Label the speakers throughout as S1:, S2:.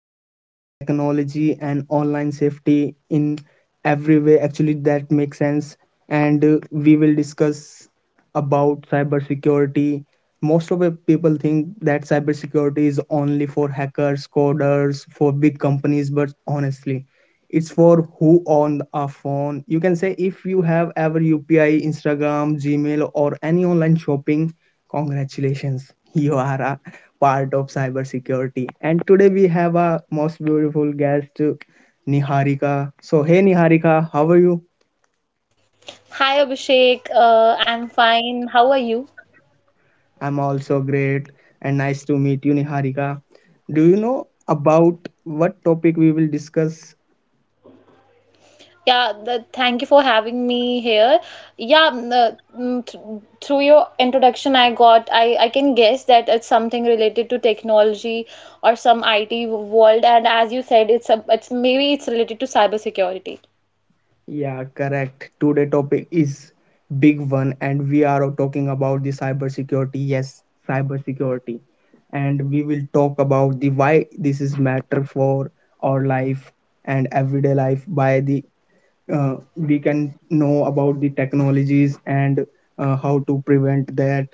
S1: break down technology and online safety in every way actually that makes sense. And We will discuss about cybersecurity. Most of the people think that cybersecurity is only for hackers, coders, for big companies, but honestly, it's for who on a phone. You can say if you have ever upi, instagram, gmail, or any online shopping, congratulations, you are a part of cybersecurity. And today we have a most beautiful guest, niharika. So hey niharika, how are you?
S2: Hi Abhishek, I'm fine. How are you?
S1: I'm also great and nice to meet you, niharika. Do you know about what topic we will discuss?
S2: Thank you for having me here. Yeah, mm, mm, th Through your introduction, I got I can guess that it's something related to technology or some IT world, and as you said, it's maybe it's related to cybersecurity.
S1: Yeah, correct. Today topic is big one and we are talking about the cybersecurity. Yes, cybersecurity. And we will talk about the why this is matter for our life and everyday life. By the we can know about the technologies and how to prevent that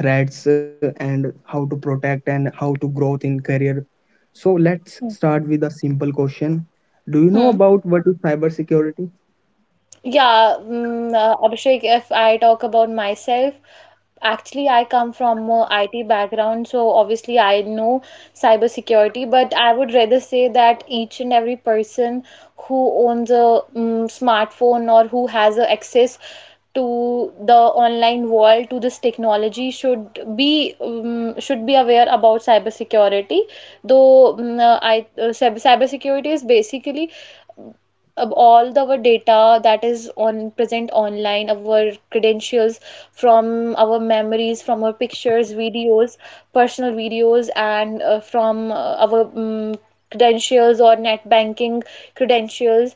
S1: threats, and how to protect and how to growth in career. So let's
S2: Hmm.
S1: start with a simple question. Do you know
S2: Hmm.
S1: about what is cybersecurity?
S2: Yeah, Abhishek, if I talk about myself, actually I come from a IT background, so obviously I know cybersecurity, but I would rather say that each and every person who owns a smartphone or who has a access to the online world, to this technology, should be aware about cybersecurity. Though mm, I cyber cybersecurity is basically all the, our data that is on present online, our credentials, from our memories, from our pictures, videos, personal videos, and from our credentials or net banking credentials,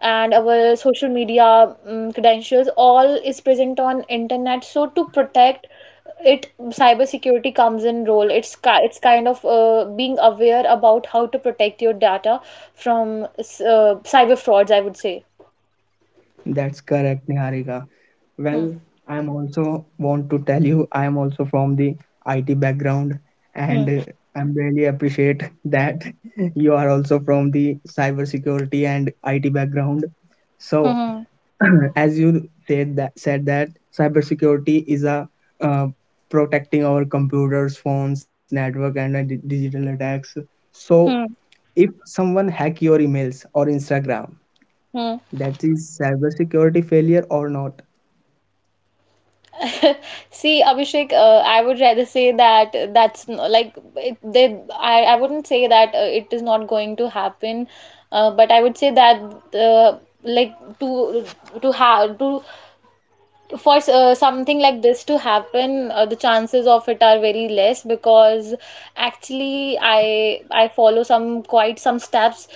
S2: and our social media credentials all is present on internet, so to protect it cybersecurity comes in role. It's kind of being aware about how to protect your data from cyber frauds, I would say.
S1: That's correct, Niharika.
S2: Hmm.
S1: Well, I am also want to tell you I am also from the IT background, and
S2: Hmm.
S1: uh, I'm really appreciate that you are also from the cybersecurity and IT background. So,
S2: Hmm.
S1: as you said that cybersecurity is a uh, protecting our computers, phones, network, and digital attacks. So,
S2: Hmm.
S1: if someone hack your emails or Instagram,
S2: Hmm.
S1: that is cybersecurity failure or not.
S2: See, Abhishek, I would rather say that that's n- like it, they, I wouldn't say that it is not going to happen, but I would say that like to to have to for something like this to happen, the chances of it are very less because actually I follow some quite some steps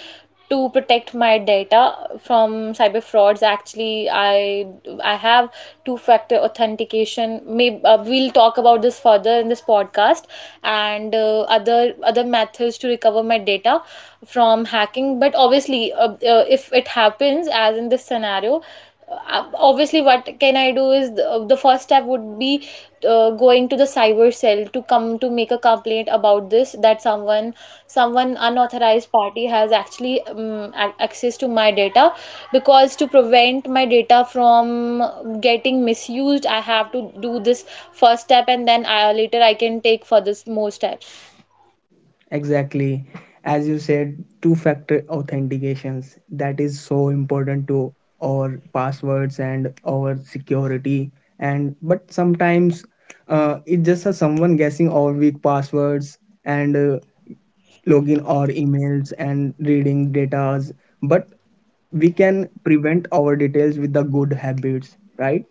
S2: to protect my data from cyber frauds. Actually, I have two-factor authentication. Maybe we'll talk about this further in this podcast, and other methods to recover my data from hacking. But obviously, if it happens as in this scenario, obviously what can I do is the first step would be going to the cyber cell to come to make a complaint about this, that someone unauthorized party has actually access to my data, because to prevent my data from getting misused I have to do this first step, and then later I can take further more steps.
S1: Exactly. As you said, two-factor authentications. That is so important to our passwords and our security. And but sometimes it's just a someone guessing our weak passwords, and login our emails and reading datas. But we can prevent our details with the good habits, right?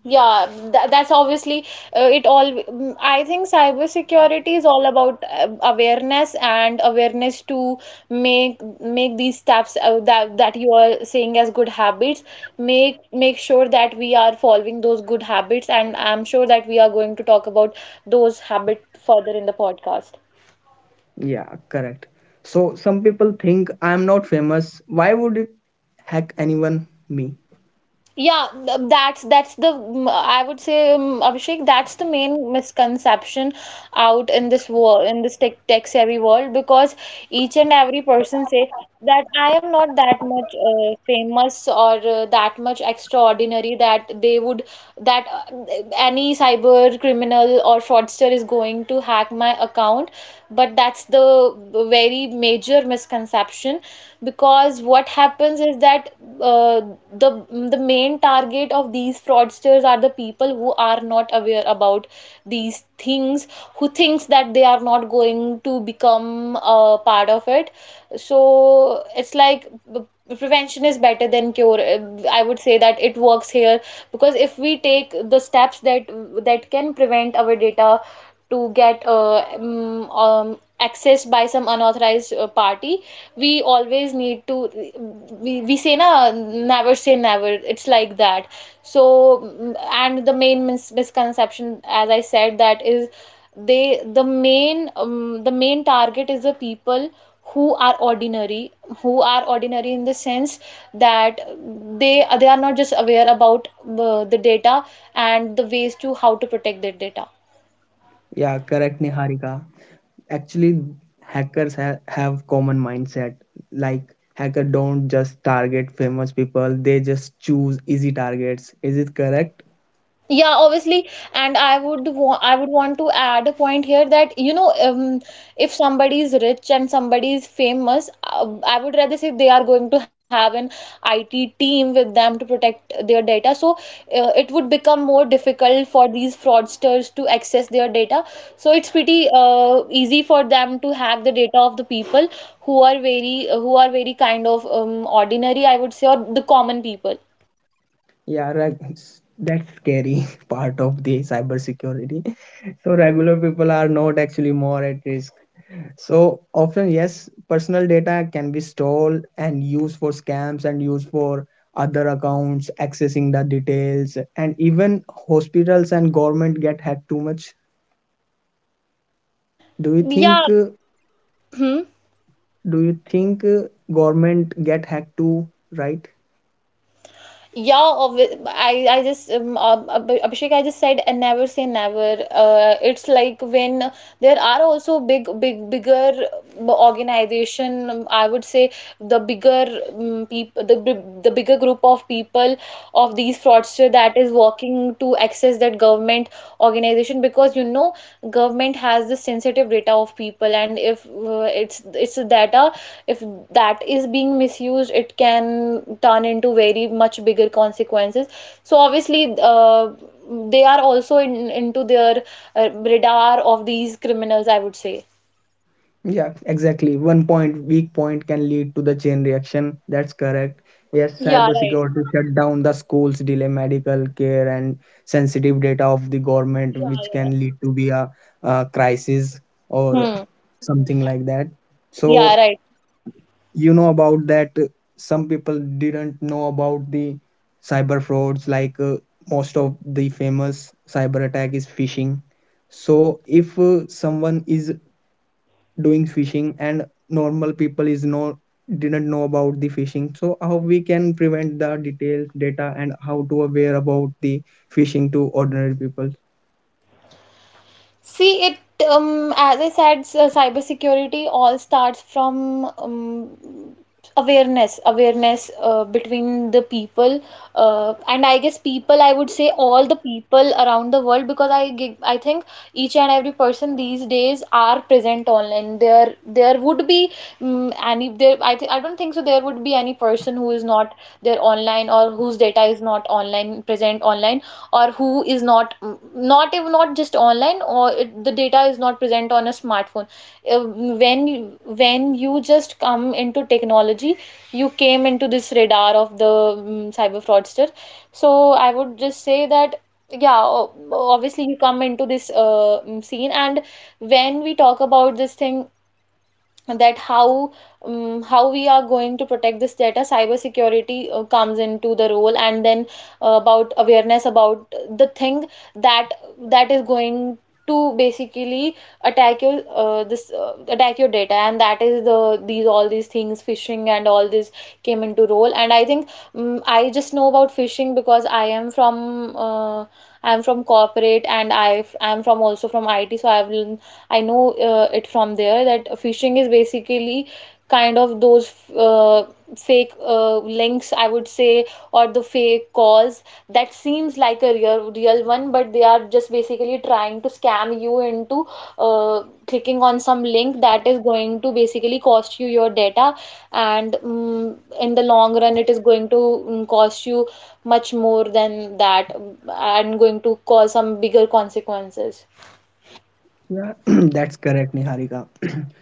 S2: Yeah, that's obviously I think cybersecurity is all about awareness to make make these steps that you are saying as good habits. Make sure that we are following those good habits, and I'm sure that we are going to talk about those habits further in the podcast.
S1: Yeah, correct. So some people think I am not famous. Why would it hack anyone me?
S2: Yeah, that's the I would say Abhishek, that's the main misconception out in this war in this tech savvy world, because each and every person say that I am not that much famous or that much extraordinary, that they would that any cyber criminal or fraudster is going to hack my account, but that's the very major misconception, because what happens is that uh, the main target of these fraudsters are the people who are not aware about these things, who thinks that they are not going to become a part of it. So it's like b- prevention is better than cure. I would say that it works here, because if we take the steps that can prevent our data to get accessed by some unauthorized party, we always need to, we say, na never say never. It's like that. So and the main misconception, as I said, that is, the main target is the people who are ordinary, who are ordinary in the sense that they are not just aware about the data and the ways to how to protect their data.
S1: Yeah, correct, Niharika. Actually, hackers ha have common mindset. Like hacker don't just target famous people. They just choose easy targets. Is it correct?
S2: Yeah, obviously, and I would want to add a point here that you know, if somebody is rich and somebody is famous, I would rather say they are going to have an IT team with them to protect their data. So it would become more difficult for these fraudsters to access their data. So it's pretty easy for them to hack the data of the people who are very kind of ordinary, I would say, or the common people.
S1: Yeah, right. S- That's scary part of the cybersecurity. So regular people are not actually more at risk. So often, yes, personal data can be stolen and used for scams and used for other accounts accessing the details, and even hospitals and government get hacked too much. Do you think?
S2: Yeah. Hmm.
S1: Do you think government get hacked too? Right?
S2: Yeah, I just Abhishek, I just said, and never say never. It's like, when there are also bigger organization. I would say the bigger people, the bigger group of people of these fraudster that is working to access that government organization, because you know, government has the sensitive data of people, and if it's data, if that is being misused, it can turn into very much bigger consequences. So obviously they are also into their radar of these criminals, I would say.
S1: Yeah, exactly. One point, weak point can lead to the chain reaction. That's correct. Yes,
S2: Yeah, right.
S1: cybersecurity shut down the schools, delay medical care, and sensitive data of the government,
S2: Yeah,
S1: which
S2: yeah.
S1: can lead to be a crisis or
S2: Hmm.
S1: something like that. So
S2: Yeah, right.
S1: you know about that. Some people didn't know about the cyber frauds. Like most of the famous cyber attack is phishing. So if someone is doing fishing and normal people is no didn't know about the fishing, so how we can prevent the details data and how to aware about the fishing to ordinary people?
S2: See, it as I said, cybersecurity all starts from awareness between the people, and I guess people. I would say all the people around the world, because I think each and every person these days are present online. There would be any there. I don't think so. There would be any person who is not there online, or whose data is not online, present online, or who is not not even not just online, or the data is not present on a smartphone. Uh, when when you just come into technology, you came into this radar of the cyber fraudster. So I would just say that yeah, obviously you come into this scene, and when we talk about this thing, that how we are going to protect this data, cybersecurity comes into the role, and then about awareness, about the thing that is going to basically attack your this attack your data, and that is these all these things phishing and all this came into role. And I think I just know about phishing because I am from I am from corporate, and I am from also from it, so I have, I know it from there, that phishing is basically kind of those fake links, I would say, or the fake calls that seems like a real one, but they are just basically trying to scam you into clicking on some link that is going to basically cost you your data, and in the long run, it is going to cost you much more than that, and going to cause some bigger consequences.
S1: Yeah, that's correct, niharika.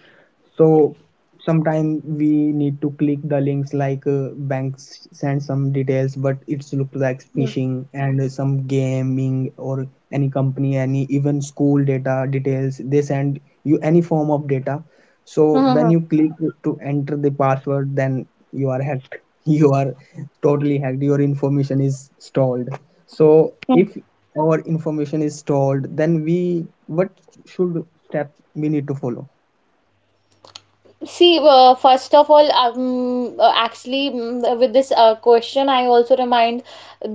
S1: So sometime we need to click the links like banks send some details, but it's look like
S2: Yeah.
S1: phishing, and some gaming or any company, any even school data details. They send you any form of data. So when you click to enter the password, then you are hacked. You are totally hacked. Your information is stalled. So
S2: Mhm.
S1: if our information is stalled, then we what should steps we need to follow?
S2: See, first of all, actually, with this question, I also remind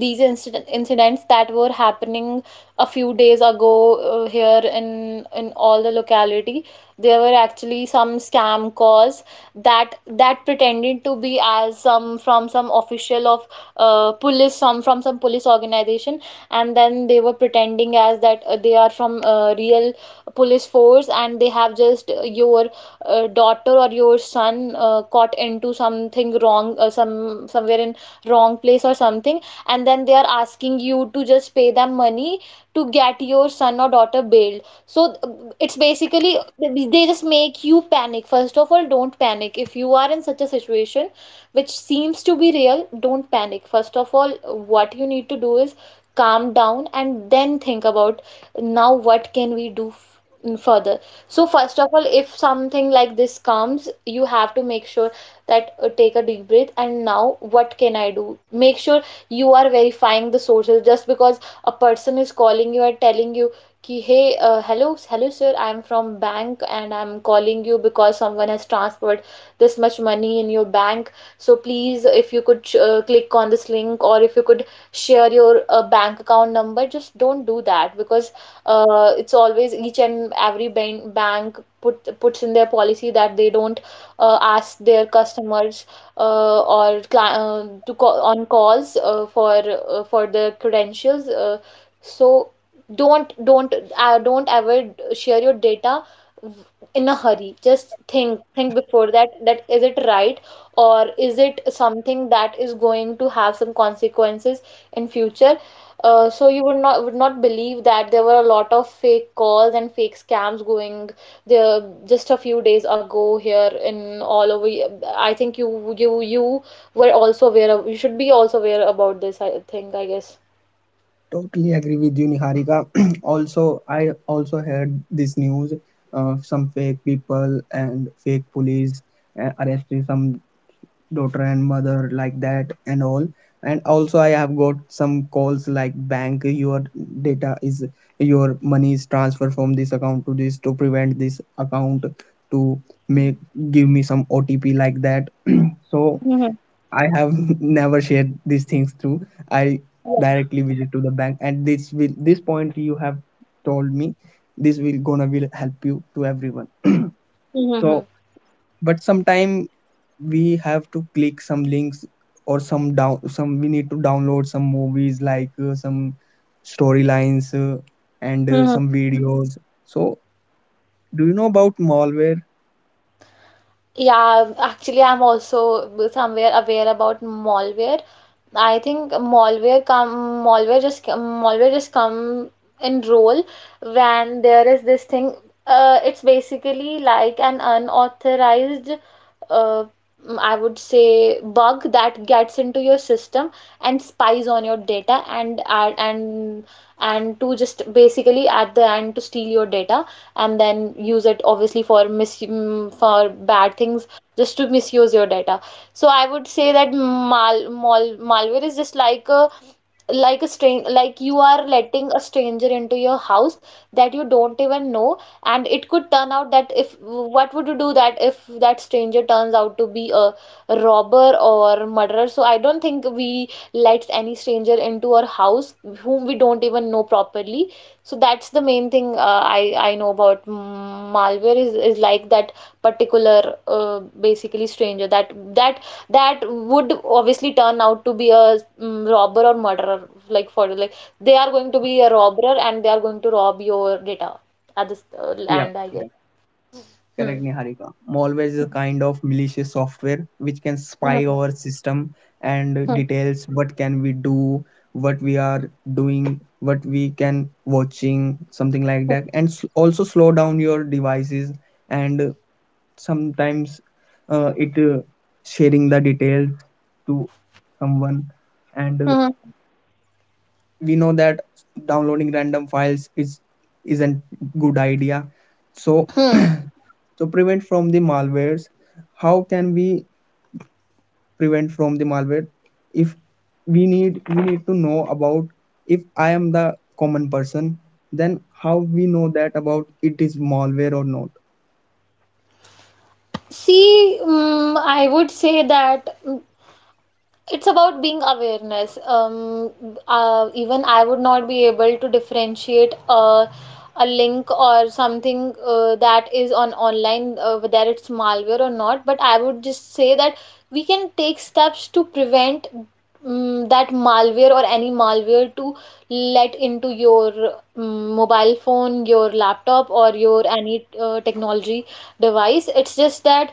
S2: these incidents that were happening a few days ago here in all the locality. There were actually some scam calls that pretended to be as some from some official of police, some from some police organization, and then they were pretending as that they are from real police force, and they have just your daughter or your son caught into something wrong, some somewhere in wrong place or something, and then they are asking you to just pay them money to get your son or daughter bailed. So it's basically they just make you panic. First of all, don't panic. If you are in such a situation which seems to be real, don't panic. First of all, what you need to do is calm down, and then think about, now what can we do further. So first of all, if something like this comes, you have to make sure that take a deep breath, and now what can I do? Make sure you are verifying the sources. Just because a person is calling you and telling you ki hey, hello sir, I'm from bank, and I'm calling you because someone has transferred this much money in your bank. So please, if you could click on this link, or if you could share your bank account number, just don't do that, because it's always each and every bank puts in their policy that they don't ask their customers or cli to call on calls for their credentials. So don't ever share your data w- in a hurry. Just think before that, that is it right, or is it something that is going to have some consequences in future. So you would not believe that there were a lot of fake calls and fake scams going there just a few days ago here in all over. I think you were also aware of, you should be also aware about this, I think, I guess.
S1: Totally agree with you, Niharika. Also, I also heard this news of some fake people and fake police arresting some daughter and mother like that and all. And also, I have got some calls like bank, your data is your money is transferred from this account to this, to prevent this account to make give me some OTP like that. So
S2: Mm-hmm.
S1: I have never shared these things through. I
S2: Yeah.
S1: directly visit to the bank, and this will this point you have told me, this will gonna will help you to everyone. So, but sometime we have to click some links or some down some we need to download some movies like some storylines and
S2: Mm-hmm.
S1: some videos. So, do you know about malware?
S2: Yeah, actually, I'm also somewhere aware about malware. I think malware just come in role when there is this thing. It's basically like an unauthorized, uh, I would say, bug that gets into your system and spies on your data and to just basically at the end to steal your data, and then use it obviously for for bad things, just to misuse your data. So I would say that mal, mal malware is just like a stranger, like you are letting a stranger into your house that you don't even know. And it could turn out, that if what would you do that if that stranger turns out to be a robber or murderer? So I don't think we let any stranger into our house whom we don't even know properly. So that's the main thing I know about malware, is like that particular basically stranger, that would obviously turn out to be a robber or murderer, like they are going to be a robber and they are going to rob your data at this
S1: Yeah,
S2: land, I guess. Hmm.
S1: correct, Niharika. Malware is a kind of malicious software which can spy
S2: Mhm.
S1: our system and details what can we do, what we are doing, what we can watching, something like that,
S2: Hmm.
S1: and s- also slow down your devices and sometimes it sharing the details to someone, and
S2: Hmm.
S1: we know that downloading random files is isn't good idea. So
S2: Hmm.
S1: so prevent from the malwares. How can we prevent from the malware? If we need we need to know about, if I am the common person, then how we know that about it is malware or not.
S2: See, I would say that, it's about being awareness. Even I would not be able to differentiate a link or something that is on online, whether it's malware or not, but I would just say that we can take steps to prevent that malware or any malware to let into your mobile phone, your laptop, or your any technology device. It's just that,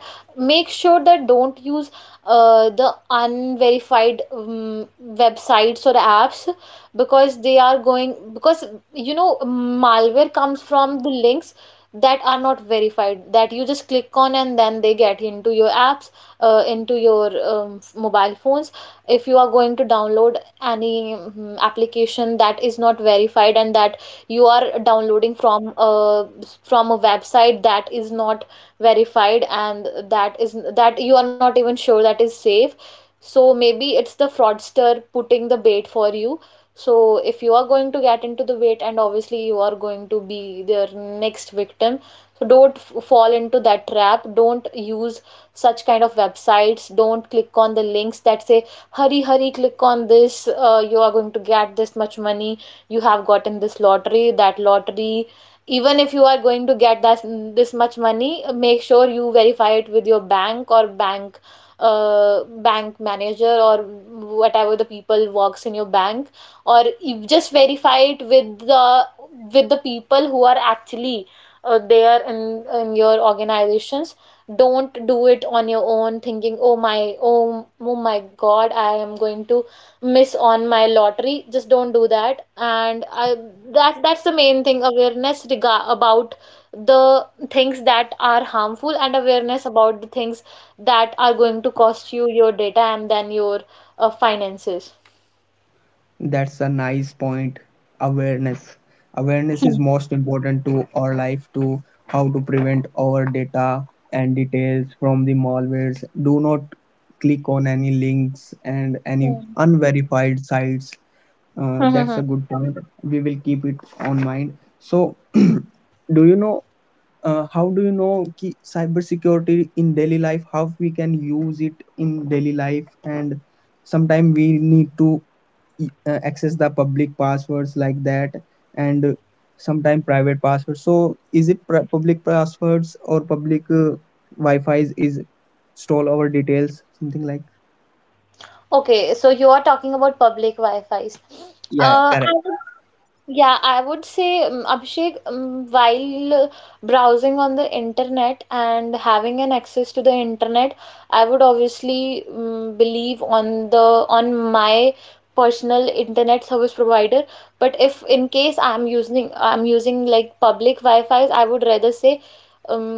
S2: make sure that don't use the unverified websites or apps, because they are going, because you know malware comes from the links that are not verified, that you just click on and then they get into your apps, into your mobile phones. If you are going to download any application that is not verified, and that you are downloading from a website that is not verified, and that you are not even sure that is safe, so maybe it's the fraudster putting the bait for you. So if you are going to get into the bait, and obviously you are going to be their next victim. So don't fall into that trap, don't use such kind of websites, don't click on the links that say hurry hurry click on this, you are going to get this much money, you have gotten this lottery, that lottery. Even if you are going to get that, this much money, make sure you verify it with your bank, or bank manager, or whatever the people works in your bank, or you just verify it with the people who are actually there in your organizations. Don't do it on your own thinking, oh my, oh my god, I am going to miss on my lottery, just don't do that. And i that that's the main thing, awareness about the things that are harmful, and awareness about the things that are going to cost you your data, and then your finances.
S1: That's a nice point. Awareness. Awareness
S2: Hmm.
S1: is most important to our life to how to prevent our data and details from the malwares. Do not click on any links and any
S2: Hmm.
S1: unverified sites.
S2: Hmm, hmm, hmm.
S1: That's a good point. We will keep it on mind. So, do you know how do you know ki- cybersecurity in daily life? How we can use it in daily life? And sometimes we need to access the public passwords like that, and sometimes private passwords. So, is it pri- public passwords or public Wi-Fi's is stole our details? Something like,
S2: Okay, so you are talking about public Wi-Fi's.
S1: yeah,
S2: I
S1: correct.
S2: would Yeah, I would say, Abhishek, while browsing on the internet and having an access to the internet, I would obviously believe on my personal internet service provider. But if in case I'm using like public Wi-Fi's, I would rather say, um,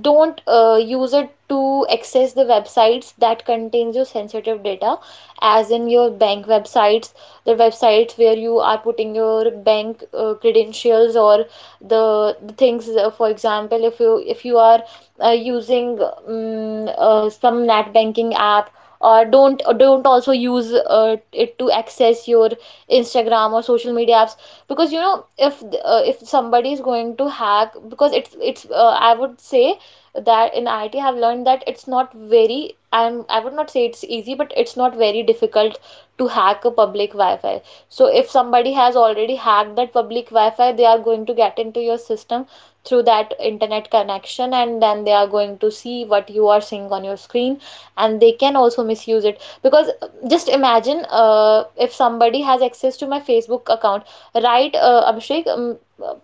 S2: don't use it to access the websites that contains your sensitive data, as in your bank websites, the websites where you are putting your bank credentials, or the things, for example, if you are using some net banking app, or don't also use it to access your Instagram or social media apps, because if somebody is going to hack, because it's I would say that in IT I have learned that it's not very I'm I would not say it's easy, but it's not very difficult to hack a public Wi-Fi. So if somebody has already hacked that public Wi-Fi, they are going to get into your system through that internet connection, and then they are going to see what you are seeing on your screen, and they can also misuse it, because just imagine, if somebody has access to my Facebook account, right, Abhishek?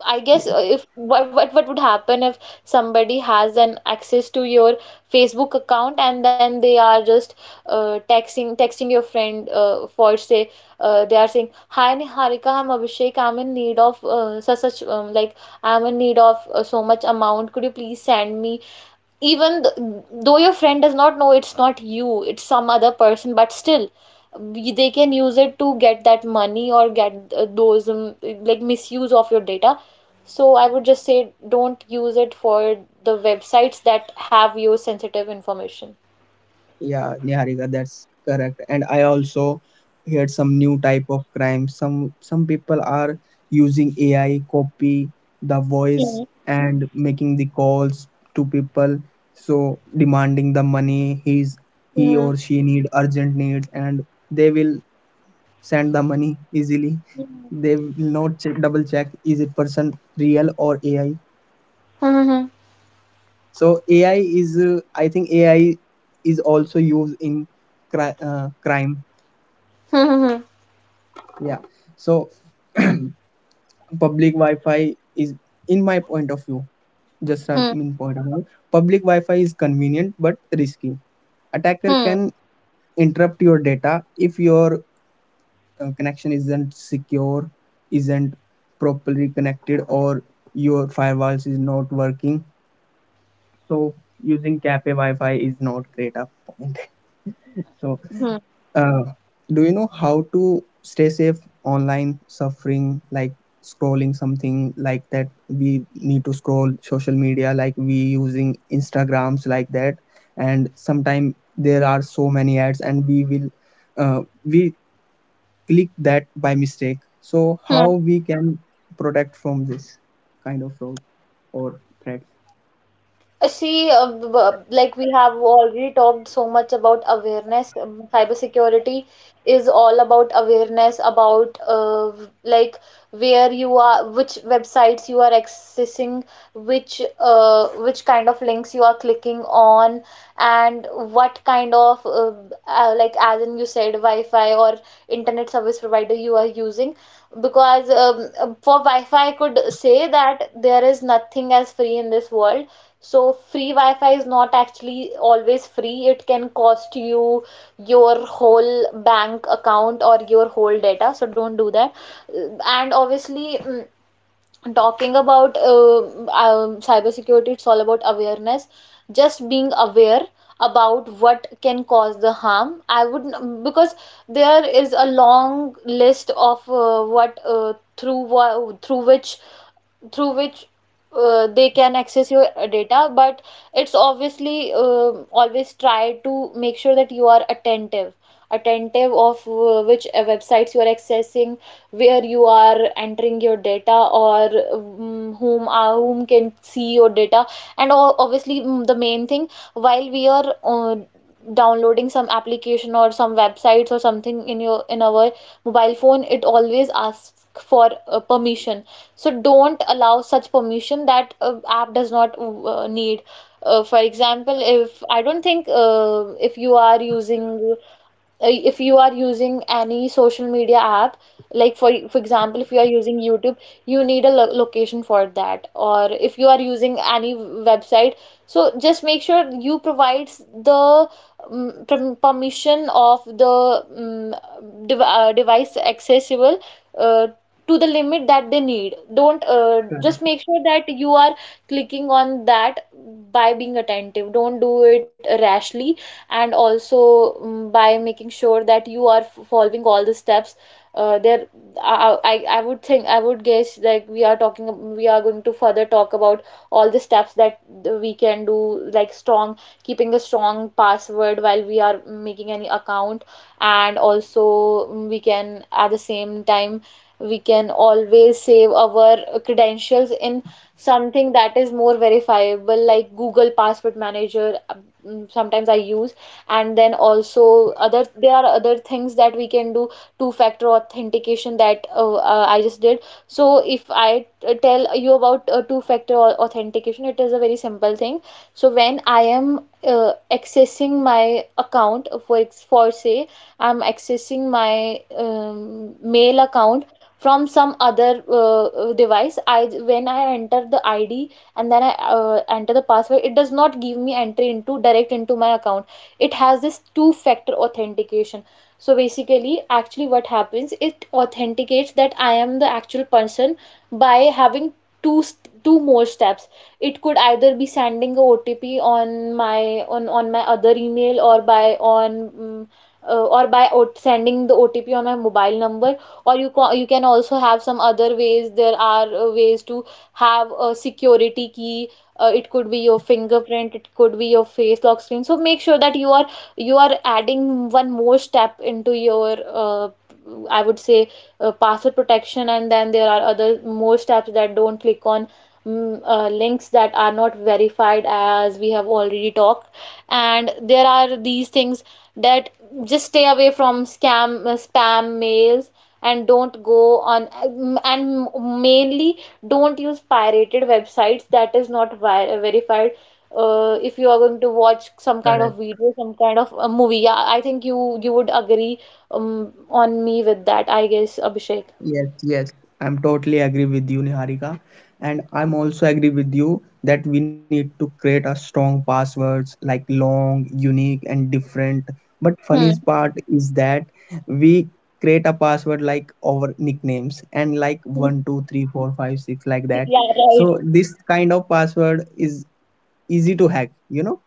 S2: I guess, if what, what would happen if somebody has an access to your Facebook account, and then they are just texting your friend for say, they are saying, hi Niharika, I'm Abhishek, I'm in need of such, like, I'm in need of so much amount, could you please send me. Even though, your friend does not know it's not you, it's some other person, but still they can use it to get that money, or get those, like, misuse of your data. So I would just say don't use it for the websites that have your sensitive information.
S1: Yeah, Niharika, that's correct. And I also heard some new type of crime. Some people are using AI copy the voice
S2: Hmm.
S1: and making the calls to people, so demanding the money he's he
S2: Hmm.
S1: or she need urgent needs, and they will send the money easily. They will not check, double check is it person real or AI.
S2: 哼哼
S1: So AI is I think AI is also used in crime.
S2: 哼哼哼
S1: Yeah. So public Wi-Fi is, in my point of view, just
S2: 哼
S1: not
S2: 哼
S1: in point of view, public Wi-Fi is convenient but risky. Attacker
S2: 哼
S1: can interrupt your data if your connection isn't secure, isn't properly connected, or your firewalls is not working. So using cafe Wi-Fi is not great up point. So.
S2: 哼哼
S1: Uh, do you know how to stay safe online suffering like scrolling something like that? We need to scroll social media like we using instagrams like that, and sometimes there are so many ads and we will we click that by mistake. So how
S2: 哼。
S1: we can protect from this kind of fraud or threats?
S2: See, like we have already talked so much about awareness. Cybersecurity is all about awareness about like, where you are, which websites you are accessing, which kind of links you are clicking on, and what kind of like, as in you said, Wi-Fi or internet service provider you are using, because for Wi-Fi, I could say that there is nothing as free in this world, so free Wi-Fi is not actually always free. It can cost you your whole bank account or your whole data. So don't do that. And obviously, talking about cybersecurity, it's all about awareness. Just being aware about what can cause the harm. I would because there is a long list of what, through which they can access your data, but it's obviously, always try to make sure that you are attentive of, which websites you are accessing, where you are entering your data, or whom can see your data. And obviously, the main thing, while we are downloading some application or some websites, or something in our mobile phone, it always asks for permission. So don't allow such permission that app does not need. For example, if I don't think if you are using any social media app, like, for example, if you are using YouTube, you need a location for that, or if you are using any website. So just make sure you provides the permission of the device accessible, uh, to the limit that they need. Don't
S1: Correct.
S2: just make sure that you are clicking on that by being attentive, don't do it rashly. And also, by making sure that you are following all the steps there. I would think I would guess, like, we are going to further talk about all the steps that we can do, like, strong keeping a strong password while we are making any account. And also, we can at the same time, we can always save our credentials in something that is more verifiable, like Google Password Manager, sometimes I use. And then also, other there are other things that we can do. Two-factor authentication, that I just did. So if I tell you about two-factor authentication, it is a very simple thing. So when I am accessing my account, for for say, I'm accessing my mail account from some other device. I when i enter the ID, and then I enter the password, it does not give me entry into my account. It has this two factor authentication. So basically actually what happens, it authenticates that I am the actual person, by having two two more steps. It could either be sending a OTP on my other email, or by on mm, uh, or by sending the OTP on my mobile number, or you can also have some other ways. There are ways to have a security key, it could be your fingerprint, it could be your face lock screen. So make sure that you are adding one more step into your, uh, I would say, password protection. And then there are other more steps that don't click on links that are not verified, as we have already talked, and there are these things that just stay away from scam spam mails, and don't go on, and mainly don't use pirated websites that is not vi verified. If you are going to watch some kind of
S1: Correct.
S2: video, some kind of a movie, yeah, I think you would agree on me with that, I guess, Abhishek.
S1: Yes, yes, I'm totally agree with you, Niharika. And I'm also agree with you that we need to create a strong passwords like long, unique, and different. But
S2: Hmm.
S1: funniest part is that we create a password like our nicknames and like one, two, three, four, five, six, like that.
S2: Yeah, right.
S1: So this kind of password is easy to hack, you know.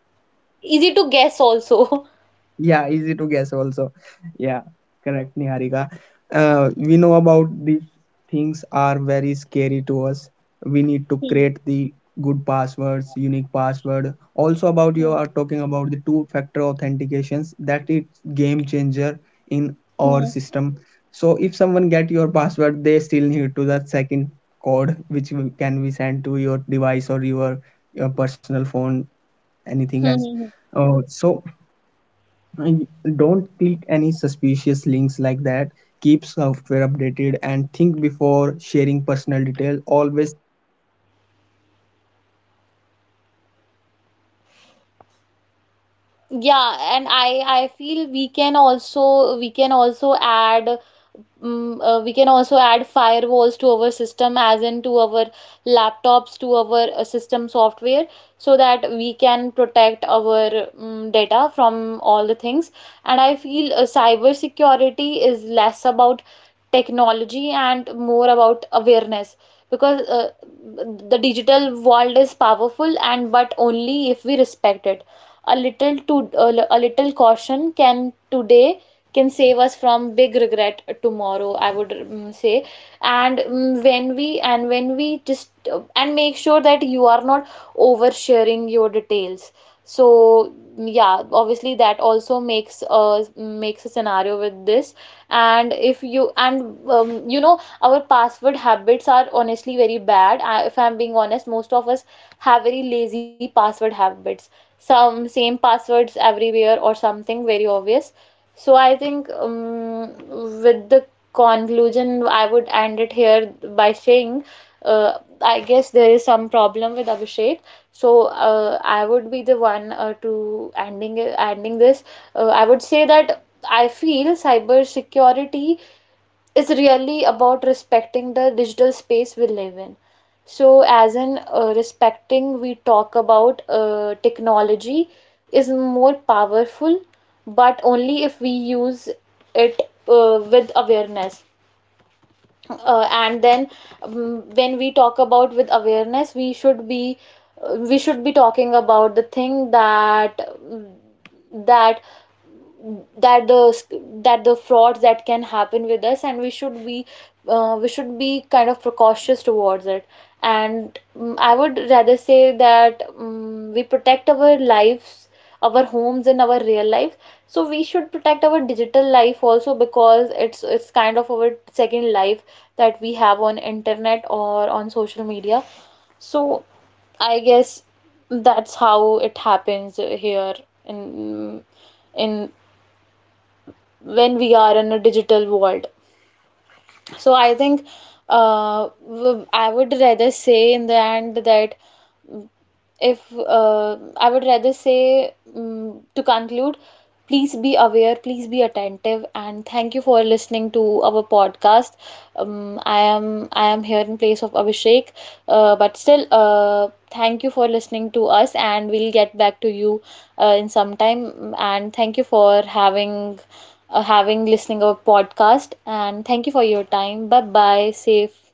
S2: Easy to guess also.
S1: Yeah, easy to guess also. Yeah, correct, Niharika. We know about these things are very scary to us. We need to
S2: Hmm.
S1: create the good passwords, unique password. Also about you are talking about the two-factor authentications. That is game changer in our
S2: Hmm.
S1: system. So if someone get your password, they still need to that second code which we- can be sent to your device or your personal phone, anything else.
S2: Hmm. Hmm.
S1: So.
S2: Yeah, and I feel we can also add we can also add firewalls to our system, as in to our laptops, to our system software, so that we can protect our data from all the things. And I feel cyber security is less about technology and more about awareness, because the digital world is powerful, and but only if we respect it. A little— to a little caution can today can save us from big regret tomorrow, I would say. And when we just and make sure that you are not oversharing your details. So yeah, obviously that also makes a makes a scenario with this. And if you and you know our password habits are honestly very bad. If I'm being honest, most of us have very lazy password habits, some same passwords everywhere, or something very obvious. So I think, with the conclusion, I would end it here by saying, I guess there is some problem with Abhishek. So I would be the one to ending this. I would say that I feel cybersecurity is really about respecting the digital space we live in. So, as in respecting, we talk about technology is more powerful, but only if we use it with awareness, and then when we talk about with awareness, we should be talking about the thing that um, that that the that the frauds that can happen with us, and we should be kind of precautious towards it. And I would rather say that, we protect our lives, our homes, and our real life, so we should protect our digital life also, because it's kind of our second life that we have on internet or on social media. So I guess that's how it happens here, in in when we are in a digital world. So I think, I would rather say in the end that, mm, if I would rather say, to conclude, please be aware, please be attentive, and thank you for listening to our podcast. I am here in place of Abhishek, but still, thank you for listening to us, and we'll get back to you in some time. And thank you for having having listening a podcast, and thank you for your time. Bye bye, safe.